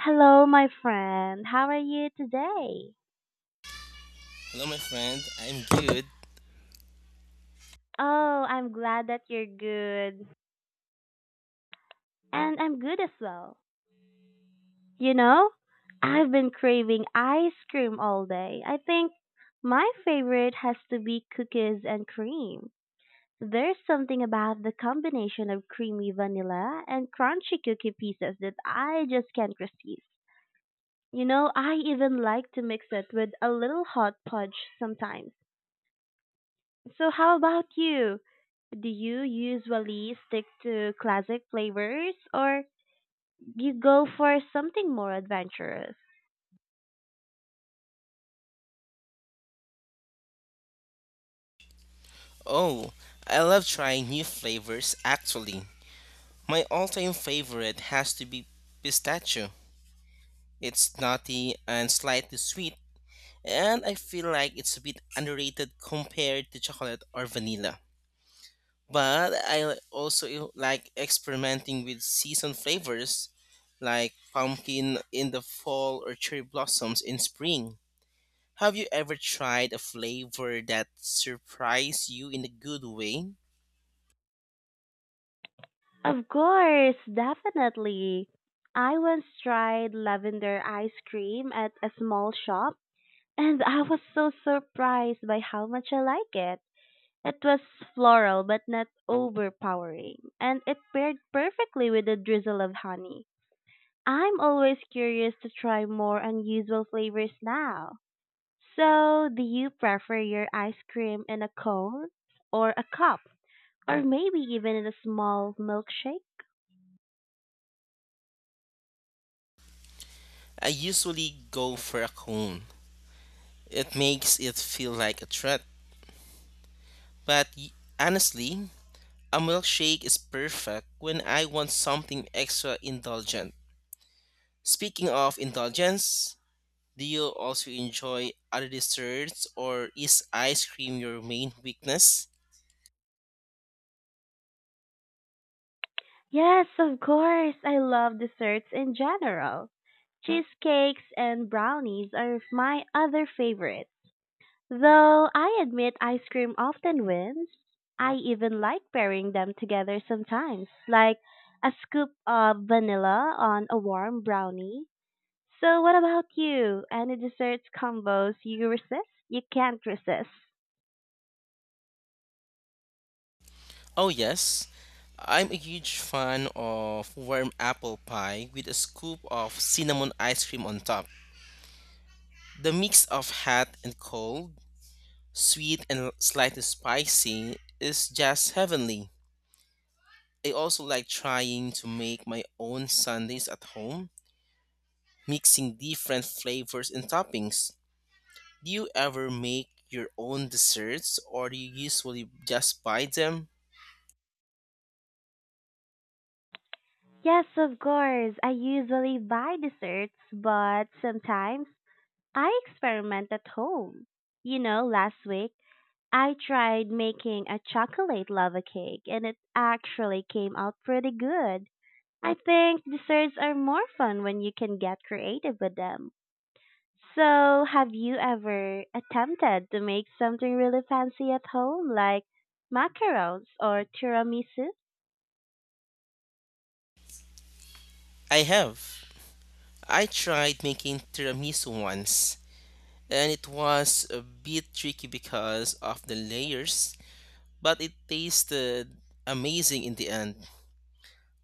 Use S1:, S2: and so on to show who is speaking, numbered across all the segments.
S1: Hello, my friend. How are you today?
S2: Hello, my friend. I'm good.
S1: Oh, I'm glad that you're good. And I'm good as well. You know, I've been craving ice cream all day. I think my favorite has to be cookies and cream. There's something about the combination of creamy vanilla and crunchy cookie pieces that I just can't resist. I even like to mix it with a little hot fudge sometimes. So how about you? Do you usually stick to classic flavors or you go for something more adventurous?
S2: Oh, I love trying new flavors, actually. My all time favorite has to be pistachio. It's nutty and slightly sweet, and I feel like it's a bit underrated compared to chocolate or vanilla. But I also like experimenting with season flavors like pumpkin in the fall or cherry blossoms in spring. Have you ever tried a flavor that surprised you in a good way?
S1: Of course, definitely. I once tried lavender ice cream at a small shop and I was so surprised by how much I like it. It was floral but not overpowering, and it paired perfectly with a drizzle of honey. I'm always curious to try more unusual flavors now. So, do you prefer your ice cream in a cone or a cup or maybe even in a small milkshake?
S2: I usually go for a cone. It makes it feel like a treat. But honestly, a milkshake is perfect when I want something extra indulgent. Speaking of indulgence, do you also enjoy other desserts or is ice cream your main weakness?
S1: Yes, of course. I love desserts in general. Cheesecakes and brownies are my other favorites. Though I admit ice cream often wins, I even like pairing them together sometimes, like a scoop of vanilla on a warm brownie. So, what about you? Any desserts combos you resist? You can't resist.
S2: Oh, yes. I'm a huge fan of warm apple pie with a scoop of cinnamon ice cream on top. The mix of hot and cold, sweet and slightly spicy is just heavenly. I also like trying to make my own sundaes at home, mixing different flavors and toppings. Do you ever make your own desserts or do you usually just buy them?
S1: Yes, of course. I usually buy desserts, but sometimes I experiment at home. Last week I tried making a chocolate lava cake, and it actually came out pretty good. I think desserts are more fun when you can get creative with them. So, have you ever attempted to make something really fancy at home, like macarons or tiramisu?
S2: I have. I tried making tiramisu once and it was a bit tricky because of the layers, but it tasted amazing in the end.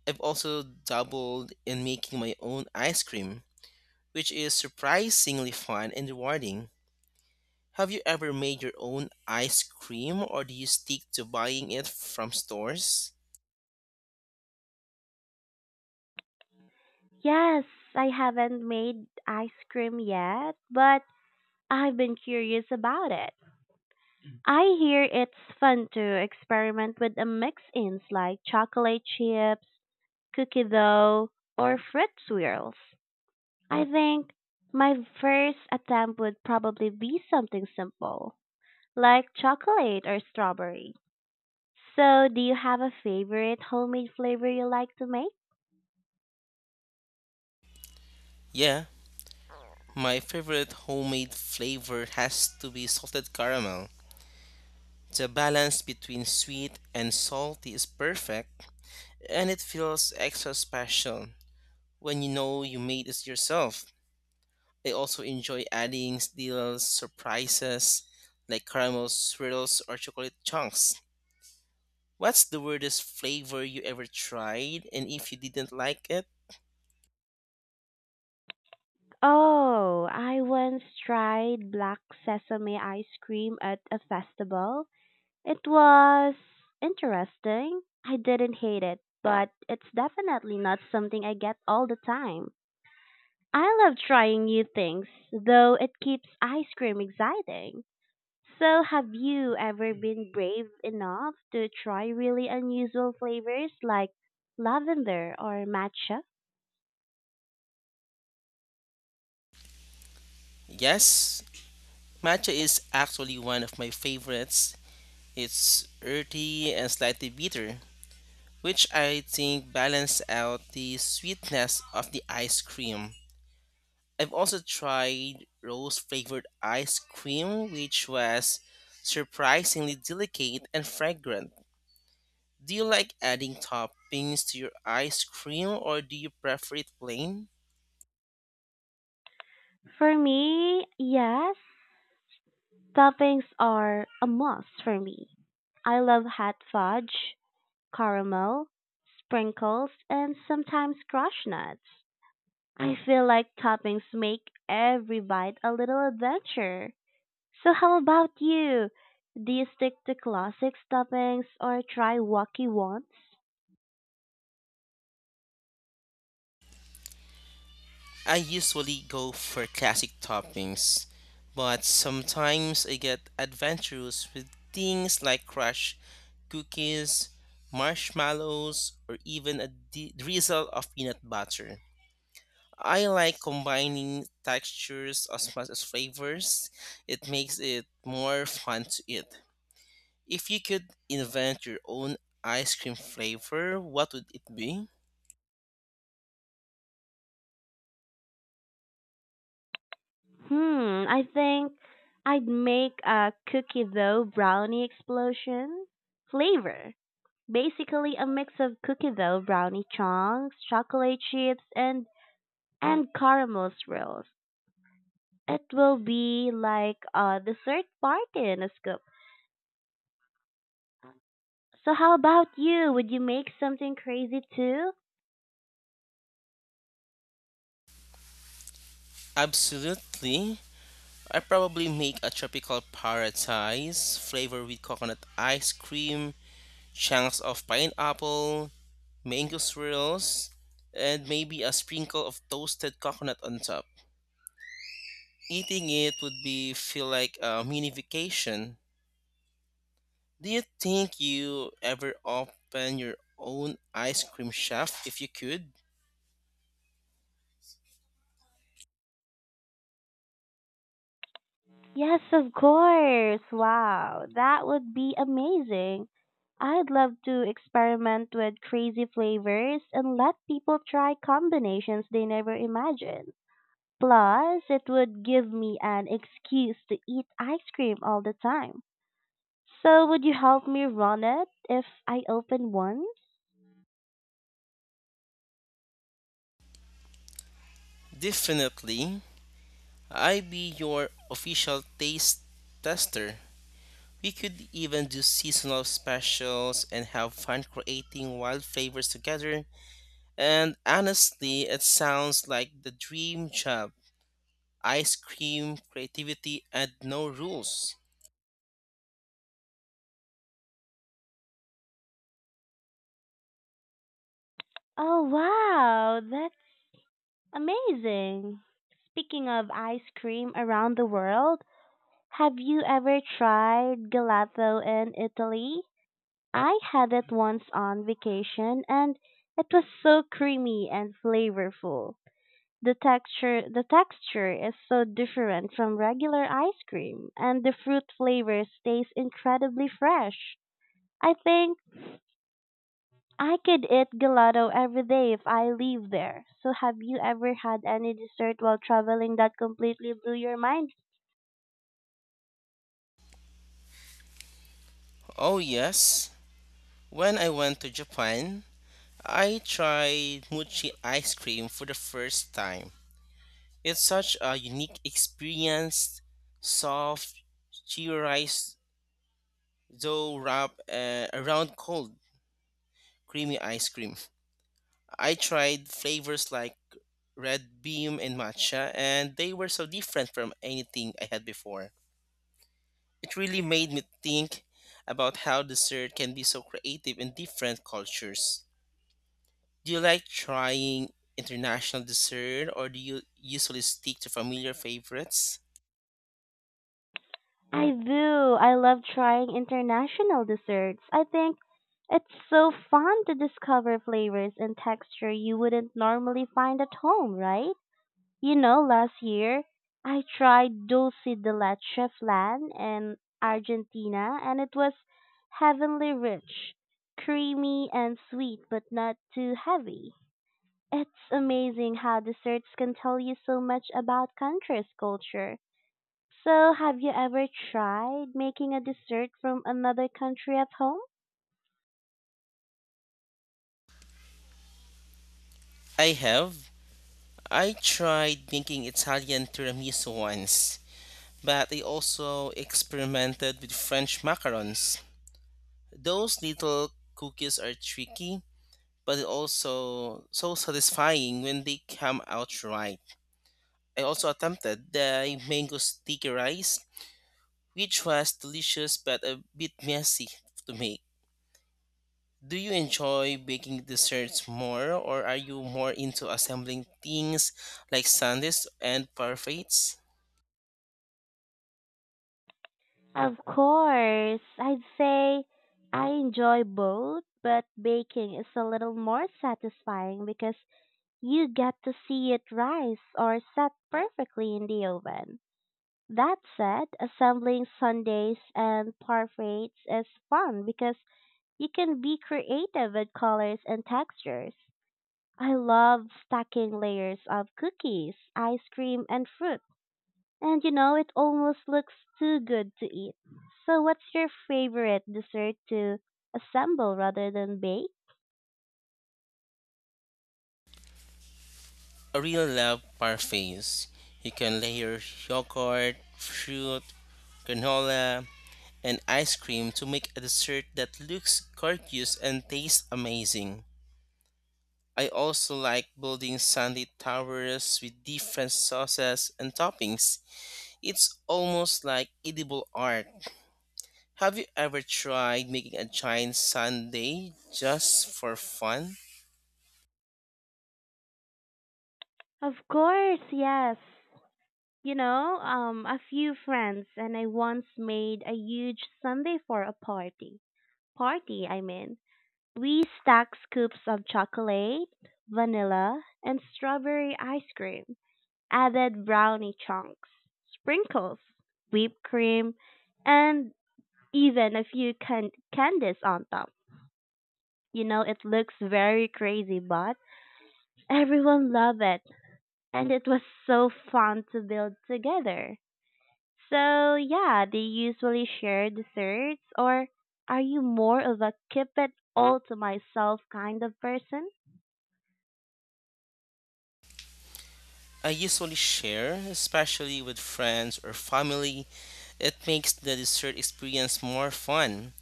S2: I've also dabbled in making my own ice cream, which is surprisingly fun and rewarding. Have you ever made your own ice cream or do you stick to buying it from stores?
S1: Yes, I haven't made ice cream yet, but I've been curious about it. I hear it's fun to experiment with the mix ins like chocolate chips, cookie dough, or fruit swirls. I think my first attempt would probably be something simple, like chocolate or strawberry. So, do you have a favorite homemade flavor you like to make?
S2: Yeah, my favorite homemade flavor has to be salted caramel. The balance between sweet and salty is perfect, and it feels extra special when you know you made it yourself. They also enjoy adding little surprises like caramel swirls or chocolate chunks. What's the weirdest flavor you ever tried and if you didn't like it?
S1: Oh, I once tried black sesame ice cream at a festival. It was interesting. I didn't hate it, but it's definitely not something I get all the time. I love trying new things, though it keeps ice cream exciting. So, have you ever been brave enough to try really unusual flavors like lavender or matcha?
S2: Yes, matcha is actually one of my favorites. It's earthy and slightly bitter, which I think balance out the sweetness of the ice cream. I've also tried rose flavored ice cream, which was surprisingly delicate and fragrant. Do you like adding toppings to your ice cream or do you prefer it plain?
S1: For me, yes, toppings are a must for me. I love hot fudge, caramel, sprinkles, and sometimes crushed nuts. I feel like toppings make every bite a little adventure. So how about you? Do you stick to classic toppings or try wacky ones?
S2: I usually go for classic toppings, but sometimes I get adventurous with things like crushed cookies, marshmallows, or even a drizzle of peanut butter. I like combining textures as much as flavors. It makes it more fun to eat. If you could invent your own ice cream flavor, what would it be?
S1: Hmm, I think I'd make a cookie dough brownie explosion flavor. Basically a mix of cookie dough brownie chunks, chocolate chips, and caramel swirls. It will be like a dessert party in a scoop. So how about you? Would you make something crazy too?
S2: Absolutely. I probably make a tropical paradise flavor with coconut ice cream, chunks of pineapple, mango swirls, and maybe a sprinkle of toasted coconut on top. Eating it would be feel like a mini vacation. Do you think you ever open your own ice cream shop if you could?
S1: Yes, of course. Wow, that would be amazing. I'd love to experiment with crazy flavors and let people try combinations they never imagined. Plus, it would give me an excuse to eat ice cream all the time. So, would you help me run it if I open one?
S2: Definitely. I be your official taste tester. We could even do seasonal specials and have fun creating wild flavors together. And honestly, it sounds like the dream job. Ice cream, creativity, and no rules.
S1: Oh, wow, that's amazing. Speaking of ice cream around the world, have you ever tried gelato in Italy? I had it once on vacation, and it was so creamy and flavorful. The texture is so different from regular ice cream, and the fruit flavor stays incredibly fresh. I think I could eat gelato every day if I live there. So, have you ever had any dessert while traveling that completely blew your mind?
S2: Oh, yes. When I went to Japan, I tried mochi ice cream for the first time. It's such a unique experience, soft, cheerized, though wrap around cold, creamy ice cream. I tried flavors like red bean and matcha, and they were so different from anything I had before. It really made me think about how dessert can be so creative in different cultures. Do you like trying international dessert, or do you usually stick to familiar favorites?
S1: I do. I love trying international desserts. I think it's so fun to discover flavors and texture you wouldn't normally find at home, right? Last year I tried dulce de leche flan in Argentina, and it was heavenly rich, creamy and sweet but not too heavy. It's amazing how desserts can tell you so much about country's culture. So, have you ever tried making a dessert from another country at home?
S2: I have. I tried making Italian tiramisu once but they also experimented with French macarons. Those little cookies are tricky, but it also so satisfying when they come out right. I also attempted the mango sticky rice, which was delicious but a bit messy to make. Do you enjoy baking desserts more, or are you more into assembling things like sundaes and parfaits?
S1: Of course, I'd say I enjoy both, but baking is a little more satisfying because you get to see it rise or set perfectly in the oven. That said, assembling sundaes and parfaits is fun because you can be creative with colors and textures. I love stacking layers of cookies, ice cream, and fruit. And it almost looks too good to eat. So, what's your favorite dessert to assemble rather than bake?
S2: A real love parfaits. You can layer yogurt, fruit, granola, and ice cream to make a dessert that looks gorgeous and tastes amazing. I also like building sundae towers with different sauces and toppings. It's almost like edible art. Have you ever tried making a giant sundae just for fun?
S1: Of course, yes. A few friends and I once made a huge sundae for a party. Party, I mean. We stacked scoops of chocolate, vanilla, and strawberry ice cream, added brownie chunks, sprinkles, whipped cream, and even a few candies on top. It looks very crazy, but everyone loved it, and it was so fun to build together. So yeah, do you usually share desserts or are you more of a keep it all to myself kind of person?
S2: I usually share, especially with friends or family. It makes the dessert experience more fun.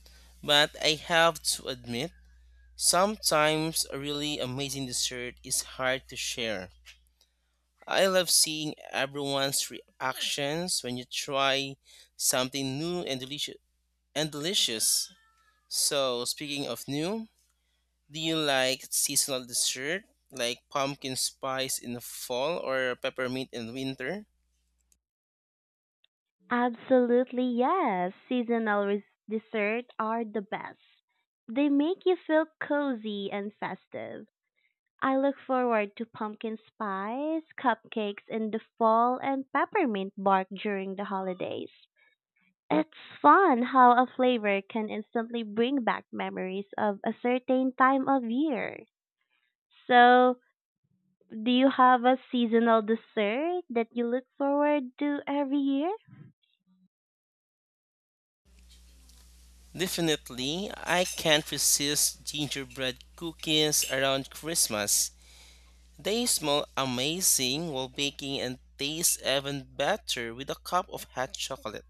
S2: But I have to admit, sometimes a really amazing dessert is hard to share. I love seeing everyone's reactions when you try something new and delicious. So, speaking of new, do you like seasonal dessert like pumpkin spice in the fall or peppermint in winter?
S1: Absolutely yes. Seasonal desserts are the best. They make you feel cozy and festive. I look forward to pumpkin spice, cupcakes in the fall, and peppermint bark during the holidays. It's fun how a flavor can instantly bring back memories of a certain time of year. So, do you have a seasonal dessert that you look forward to every year?
S2: Definitely, I can't resist gingerbread cookies around Christmas. They smell amazing while baking and taste even better with a cup of hot chocolate.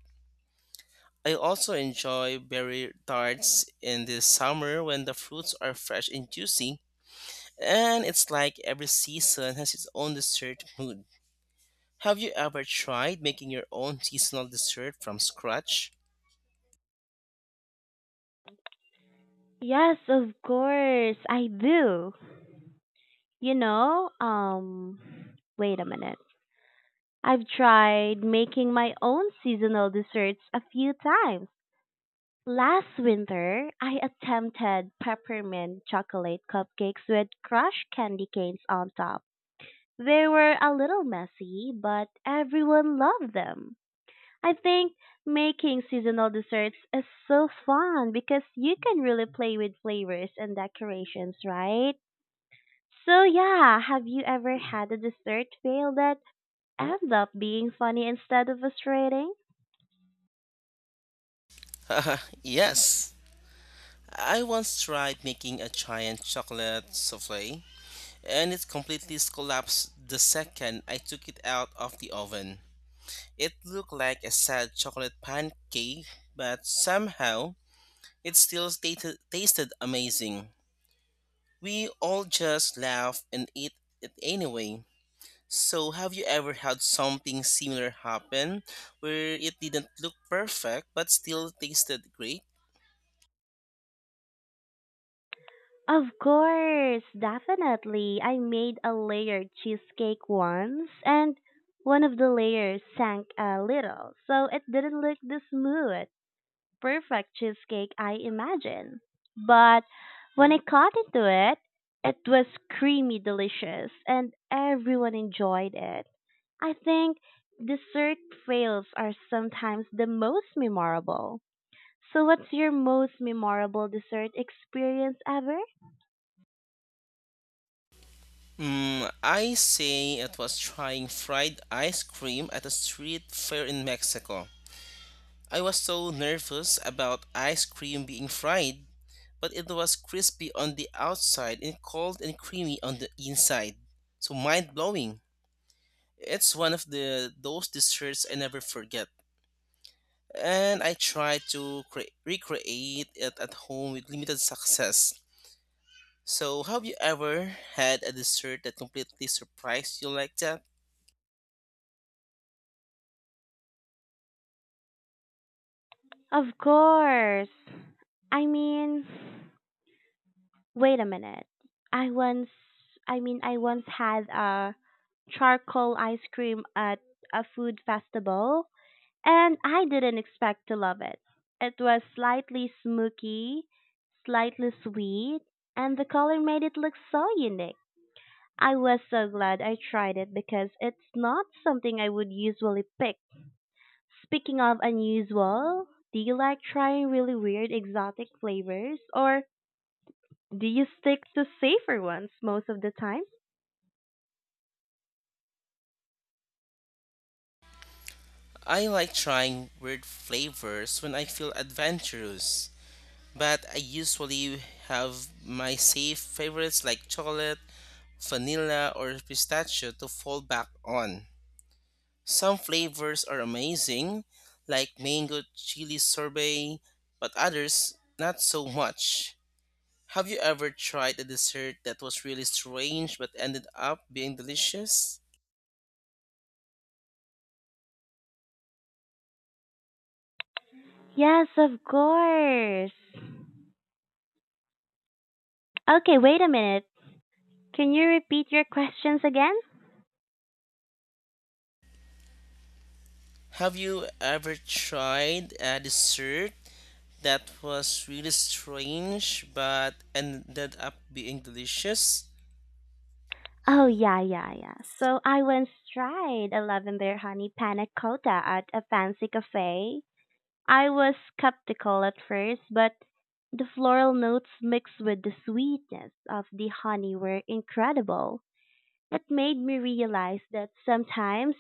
S2: I also enjoy berry tarts in the summer when the fruits are fresh and juicy, and it's like every season has its own dessert mood. Have you ever tried making your own seasonal dessert from scratch?
S1: Yes, of course, I do. You know, um, wait a minute. I've tried making my own seasonal desserts a few times. Last winter, I attempted peppermint chocolate cupcakes with crushed candy canes on top. They were a little messy, but everyone loved them. I think making seasonal desserts is so fun because you can really play with flavors and decorations, right? So yeah, have you ever had a dessert fail that ended up being funny instead of frustrating?
S2: Yes. I once tried making a giant chocolate souffle, and it completely collapsed the second I took it out of the oven. It looked like a sad chocolate pancake, but somehow it still tasted amazing. We all just laughed and ate it anyway. So, have you ever had something similar happen where it didn't look perfect but still tasted great?
S1: Of course, definitely. I made a layered cheesecake once, and one of the layers sank a little, so it didn't look this smooth. Perfect cheesecake I imagined. But when I cut into it, it was creamy delicious, and everyone enjoyed it. I think dessert fails are sometimes the most memorable. So what's your most memorable dessert experience ever?
S2: Mm, I say it was trying fried ice cream at a street fair in Mexico. I was so nervous about ice cream being fried, but it was crispy on the outside and cold and creamy on the inside. So mind blowing. It's one of the those desserts I never forget. And I tried to recreate it at home with limited success. So, have you ever had a dessert that completely surprised you like that?
S1: Of course. I mean, wait a minute. I once, I once had a charcoal ice cream at a food festival. And I didn't expect to love it. It was slightly smoky, slightly sweet, and the color made it look so unique. I was so glad I tried it because it's not something I would usually pick. Speaking of unusual, do you like trying really weird exotic flavors or do you stick to safer ones most of the time?
S2: I like trying weird flavors when I feel adventurous, but I usually have my safe favorites like chocolate, vanilla, or pistachio to fall back on. Some flavors are amazing, like mango chili sorbet, but others not so much. Have you ever tried a dessert that was really strange but ended up being delicious?
S1: Yes, of course. Okay, wait a minute. Can you repeat your questions again?
S2: Have you ever tried a dessert that was really strange but ended up being delicious?
S1: Oh yeah, yeah, yeah. So I once tried a lavender honey panna cotta at a fancy cafe. I was skeptical at first, but the floral notes mixed with the sweetness of the honey were incredible. It made me realize that sometimes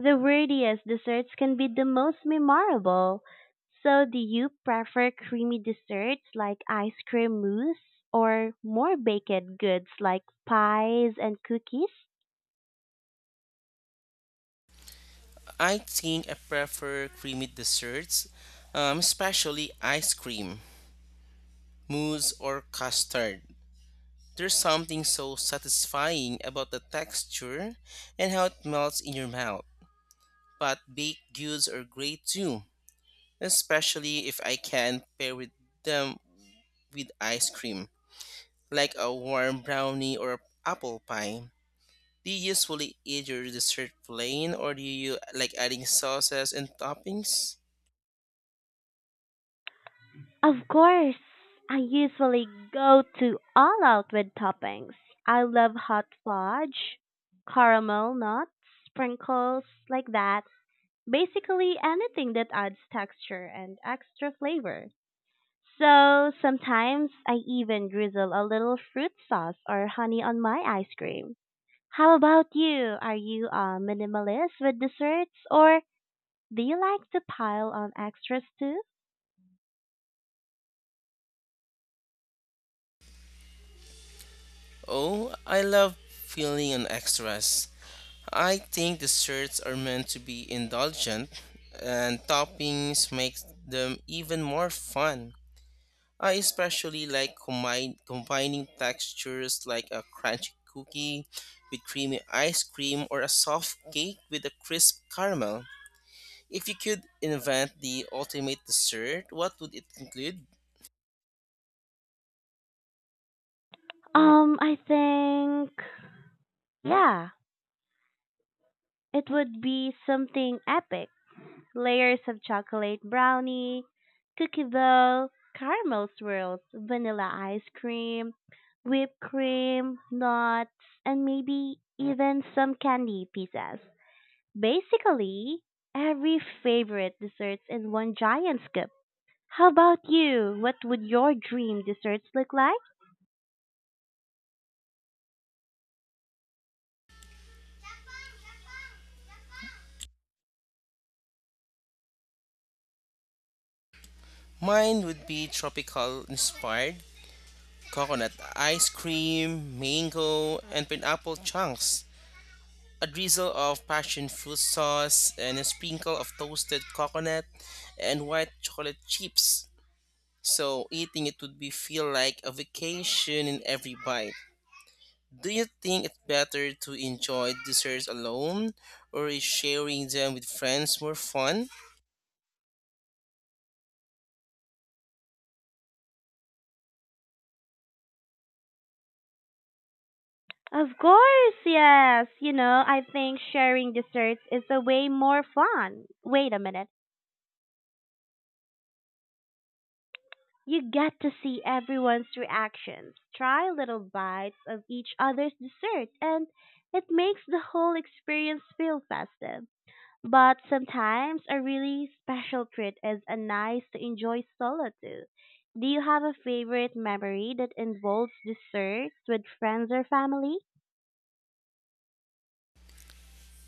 S1: the wordiest desserts can be the most memorable. So do you prefer creamy desserts like ice cream mousse or more baked goods like pies and cookies?
S2: I think I prefer creamy desserts, especially ice cream, mousse, or custard. There's something so satisfying about the texture and how it melts in your mouth. But baked goods are great too, especially if I can pair with them with ice cream, like a warm brownie or apple pie. Do you usually eat your dessert plain or do you like adding sauces and toppings?
S1: Of course, I usually go to all out with toppings. I love hot fudge, caramel nuts, sprinkles like that. Basically anything that adds texture and extra flavor. So sometimes I even drizzle a little fruit sauce or honey on my ice cream. How about you? Are you a minimalist with desserts or do you like to pile on extras too?
S2: Oh, I love filling on extras. I think desserts are meant to be indulgent and toppings make them even more fun. I especially like combining textures like a crunchy cookie with creamy ice cream or a soft cake with a crisp caramel. If you could invent the ultimate dessert, what would it include?
S1: I think yeah, it would be something epic. Layers of chocolate brownie, cookie dough, caramel swirls, vanilla ice cream, whipped cream, nuts, and maybe even some candy pieces. Basically, every favorite desserts in one giant scoop. How about you? What would your dream desserts look like?
S2: Mine would be tropical inspired coconut ice cream, mango, and pineapple chunks. A drizzle of passion fruit sauce and a sprinkle of toasted coconut and white chocolate chips. So eating it would be feel like a vacation in every bite. Do you think it's better to enjoy desserts alone or is sharing them with friends more fun?
S1: Of course, yes. I think sharing desserts is a way more fun. Wait a minute. You get to see everyone's reactions, try little bites of each other's dessert, and it makes the whole experience feel festive. But sometimes a really special treat is a nice to enjoy solo too. Do you have a favorite memory that involves desserts with friends or family?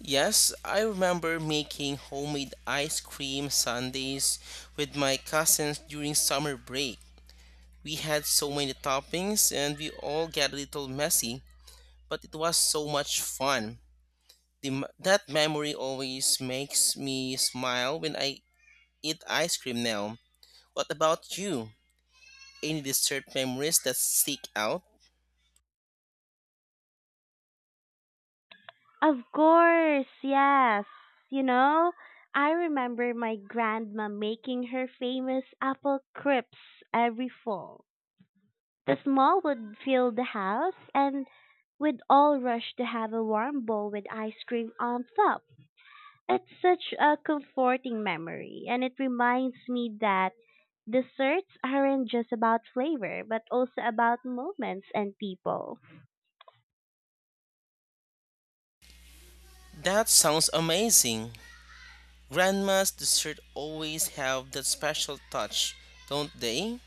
S2: Yes, I remember making homemade ice cream sundaes with my cousins during summer break. We had so many toppings and we all got a little messy, but it was so much fun. That memory always makes me smile when I eat ice cream now. What about you? Any dessert memories that stick out?
S1: Of course, yes. You know, I remember my grandma making her famous apple crisps every fall. The small would fill the house, and we'd all rush to have a warm bowl with ice cream on top. It's such a comforting memory, and it reminds me that desserts aren't just about flavor, but also about moments and people.
S2: That sounds amazing. Grandma's dessert always have that special touch, don't they?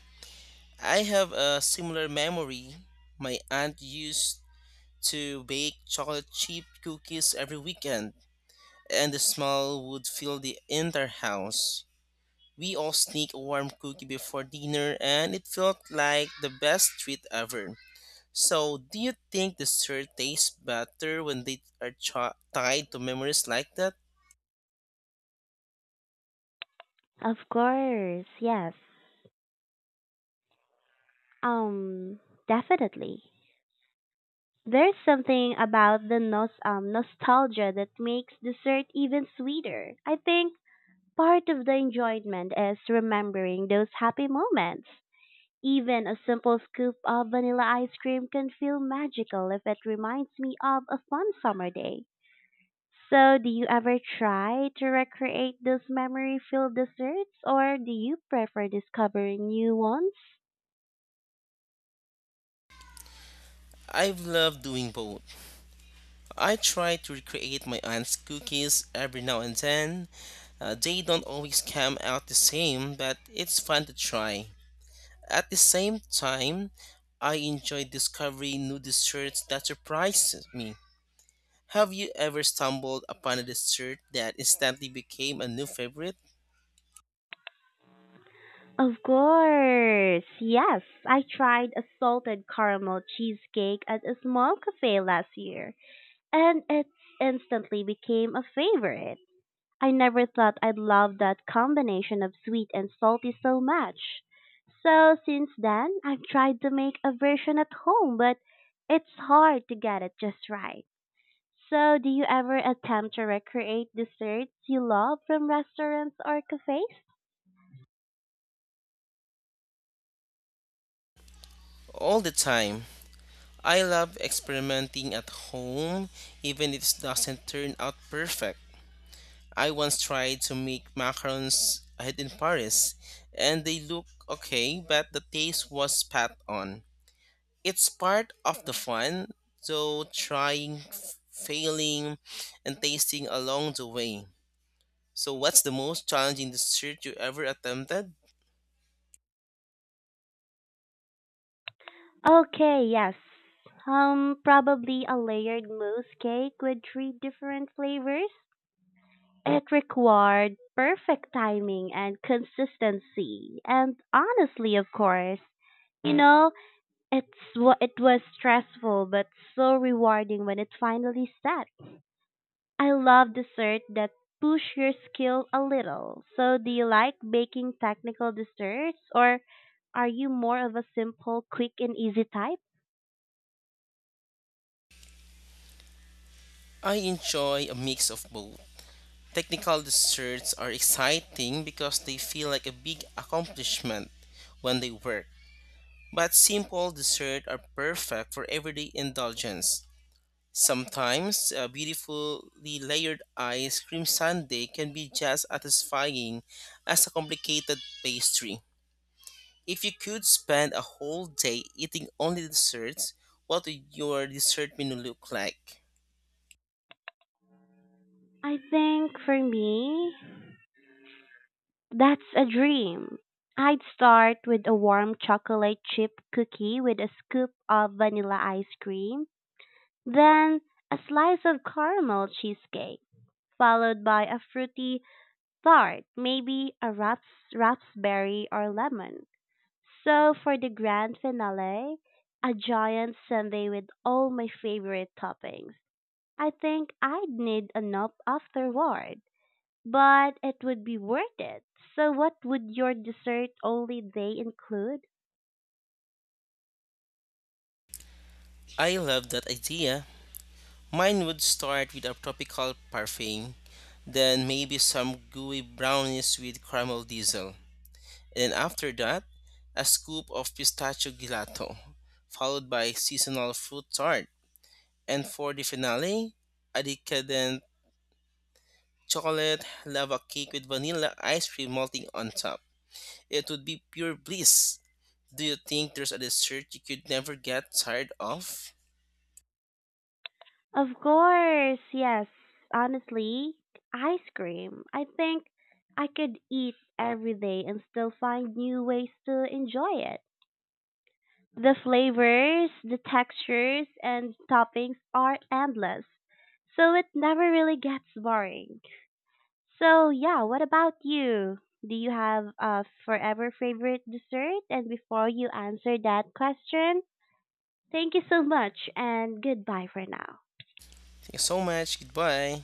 S2: I have a similar memory. My aunt used to bake chocolate chip cookies every weekend, and the smell would fill the entire house. We all sneak a warm cookie before dinner, and it felt like the best treat ever. So, do you think dessert tastes better when they are tied to memories like that?
S1: Of course, yes. Um, definitely. There's something about the nostalgia that makes dessert even sweeter. I think part of the enjoyment is remembering those happy moments. Even a simple scoop of vanilla ice cream can feel magical if it reminds me of a fun summer day. So, do you ever try to recreate those memory filled desserts or do you prefer discovering new ones?
S2: I've loved doing both. I try to recreate my aunt's cookies every now and then. They don't always come out the same, but it's fun to try. At the same time, I enjoy discovering new desserts that surprise me. Have you ever stumbled upon a dessert that instantly became a new favorite?
S1: Of course. Yes, I tried a salted caramel cheesecake at a small cafe last year, and it instantly became a favorite. I never thought I'd love that combination of sweet and salty so much. So since then, I've tried to make a version at home, but it's hard to get it just right. So, do you ever attempt to recreate desserts you love from restaurants or cafes?
S2: All the time. I love experimenting at home, even if it doesn't turn out perfect. I once tried to make macarons ahead in Paris, and they look okay, but the taste was pat on. It's part of the fun, though trying, failing, and tasting along the way. So, what's the most challenging dessert you ever attempted?
S1: Okay, yes. Probably a layered mousse cake with three different flavors. It required perfect timing and consistency, and honestly, of course, you know, it's it was stressful but so rewarding when it finally set. I love dessert that push your skill a little. So, do you like baking technical desserts or are you more of a simple, quick and easy type?
S2: I enjoy a mix of both. Technical desserts are exciting because they feel like a big accomplishment when they work. But simple desserts are perfect for everyday indulgence. Sometimes a beautifully layered ice cream sundae can be just as satisfying as a complicated pastry. If you could spend a whole day eating only desserts, what would your dessert menu look like?
S1: I think for me, that's a dream. I'd start with a warm chocolate chip cookie with a scoop of vanilla ice cream, then a slice of caramel cheesecake, followed by a fruity tart, maybe a raspberry or lemon. So for the grand finale, a giant sundae with all my favorite toppings. I think I'd need a nap afterward. But it would be worth it. So what would your dessert only day include?
S2: I love that idea. Mine would start with a tropical parfait, then maybe some gooey brownies with caramel drizzle. And after that, a scoop of pistachio gelato, followed by seasonal fruit tart. And for the finale, a decadent chocolate lava cake with vanilla ice cream melting on top. It would be pure bliss. Do you think there's a dessert you could never get tired of?
S1: Of course, yes. Honestly, ice cream. I think I could eat every day and still find new ways to enjoy it. The flavors, the textures, and toppings are endless. So it never really gets boring. So yeah, what about you? Do you have a forever favorite dessert? And before you answer that question, thank you so much and goodbye for now.
S2: Thank you so much. Goodbye.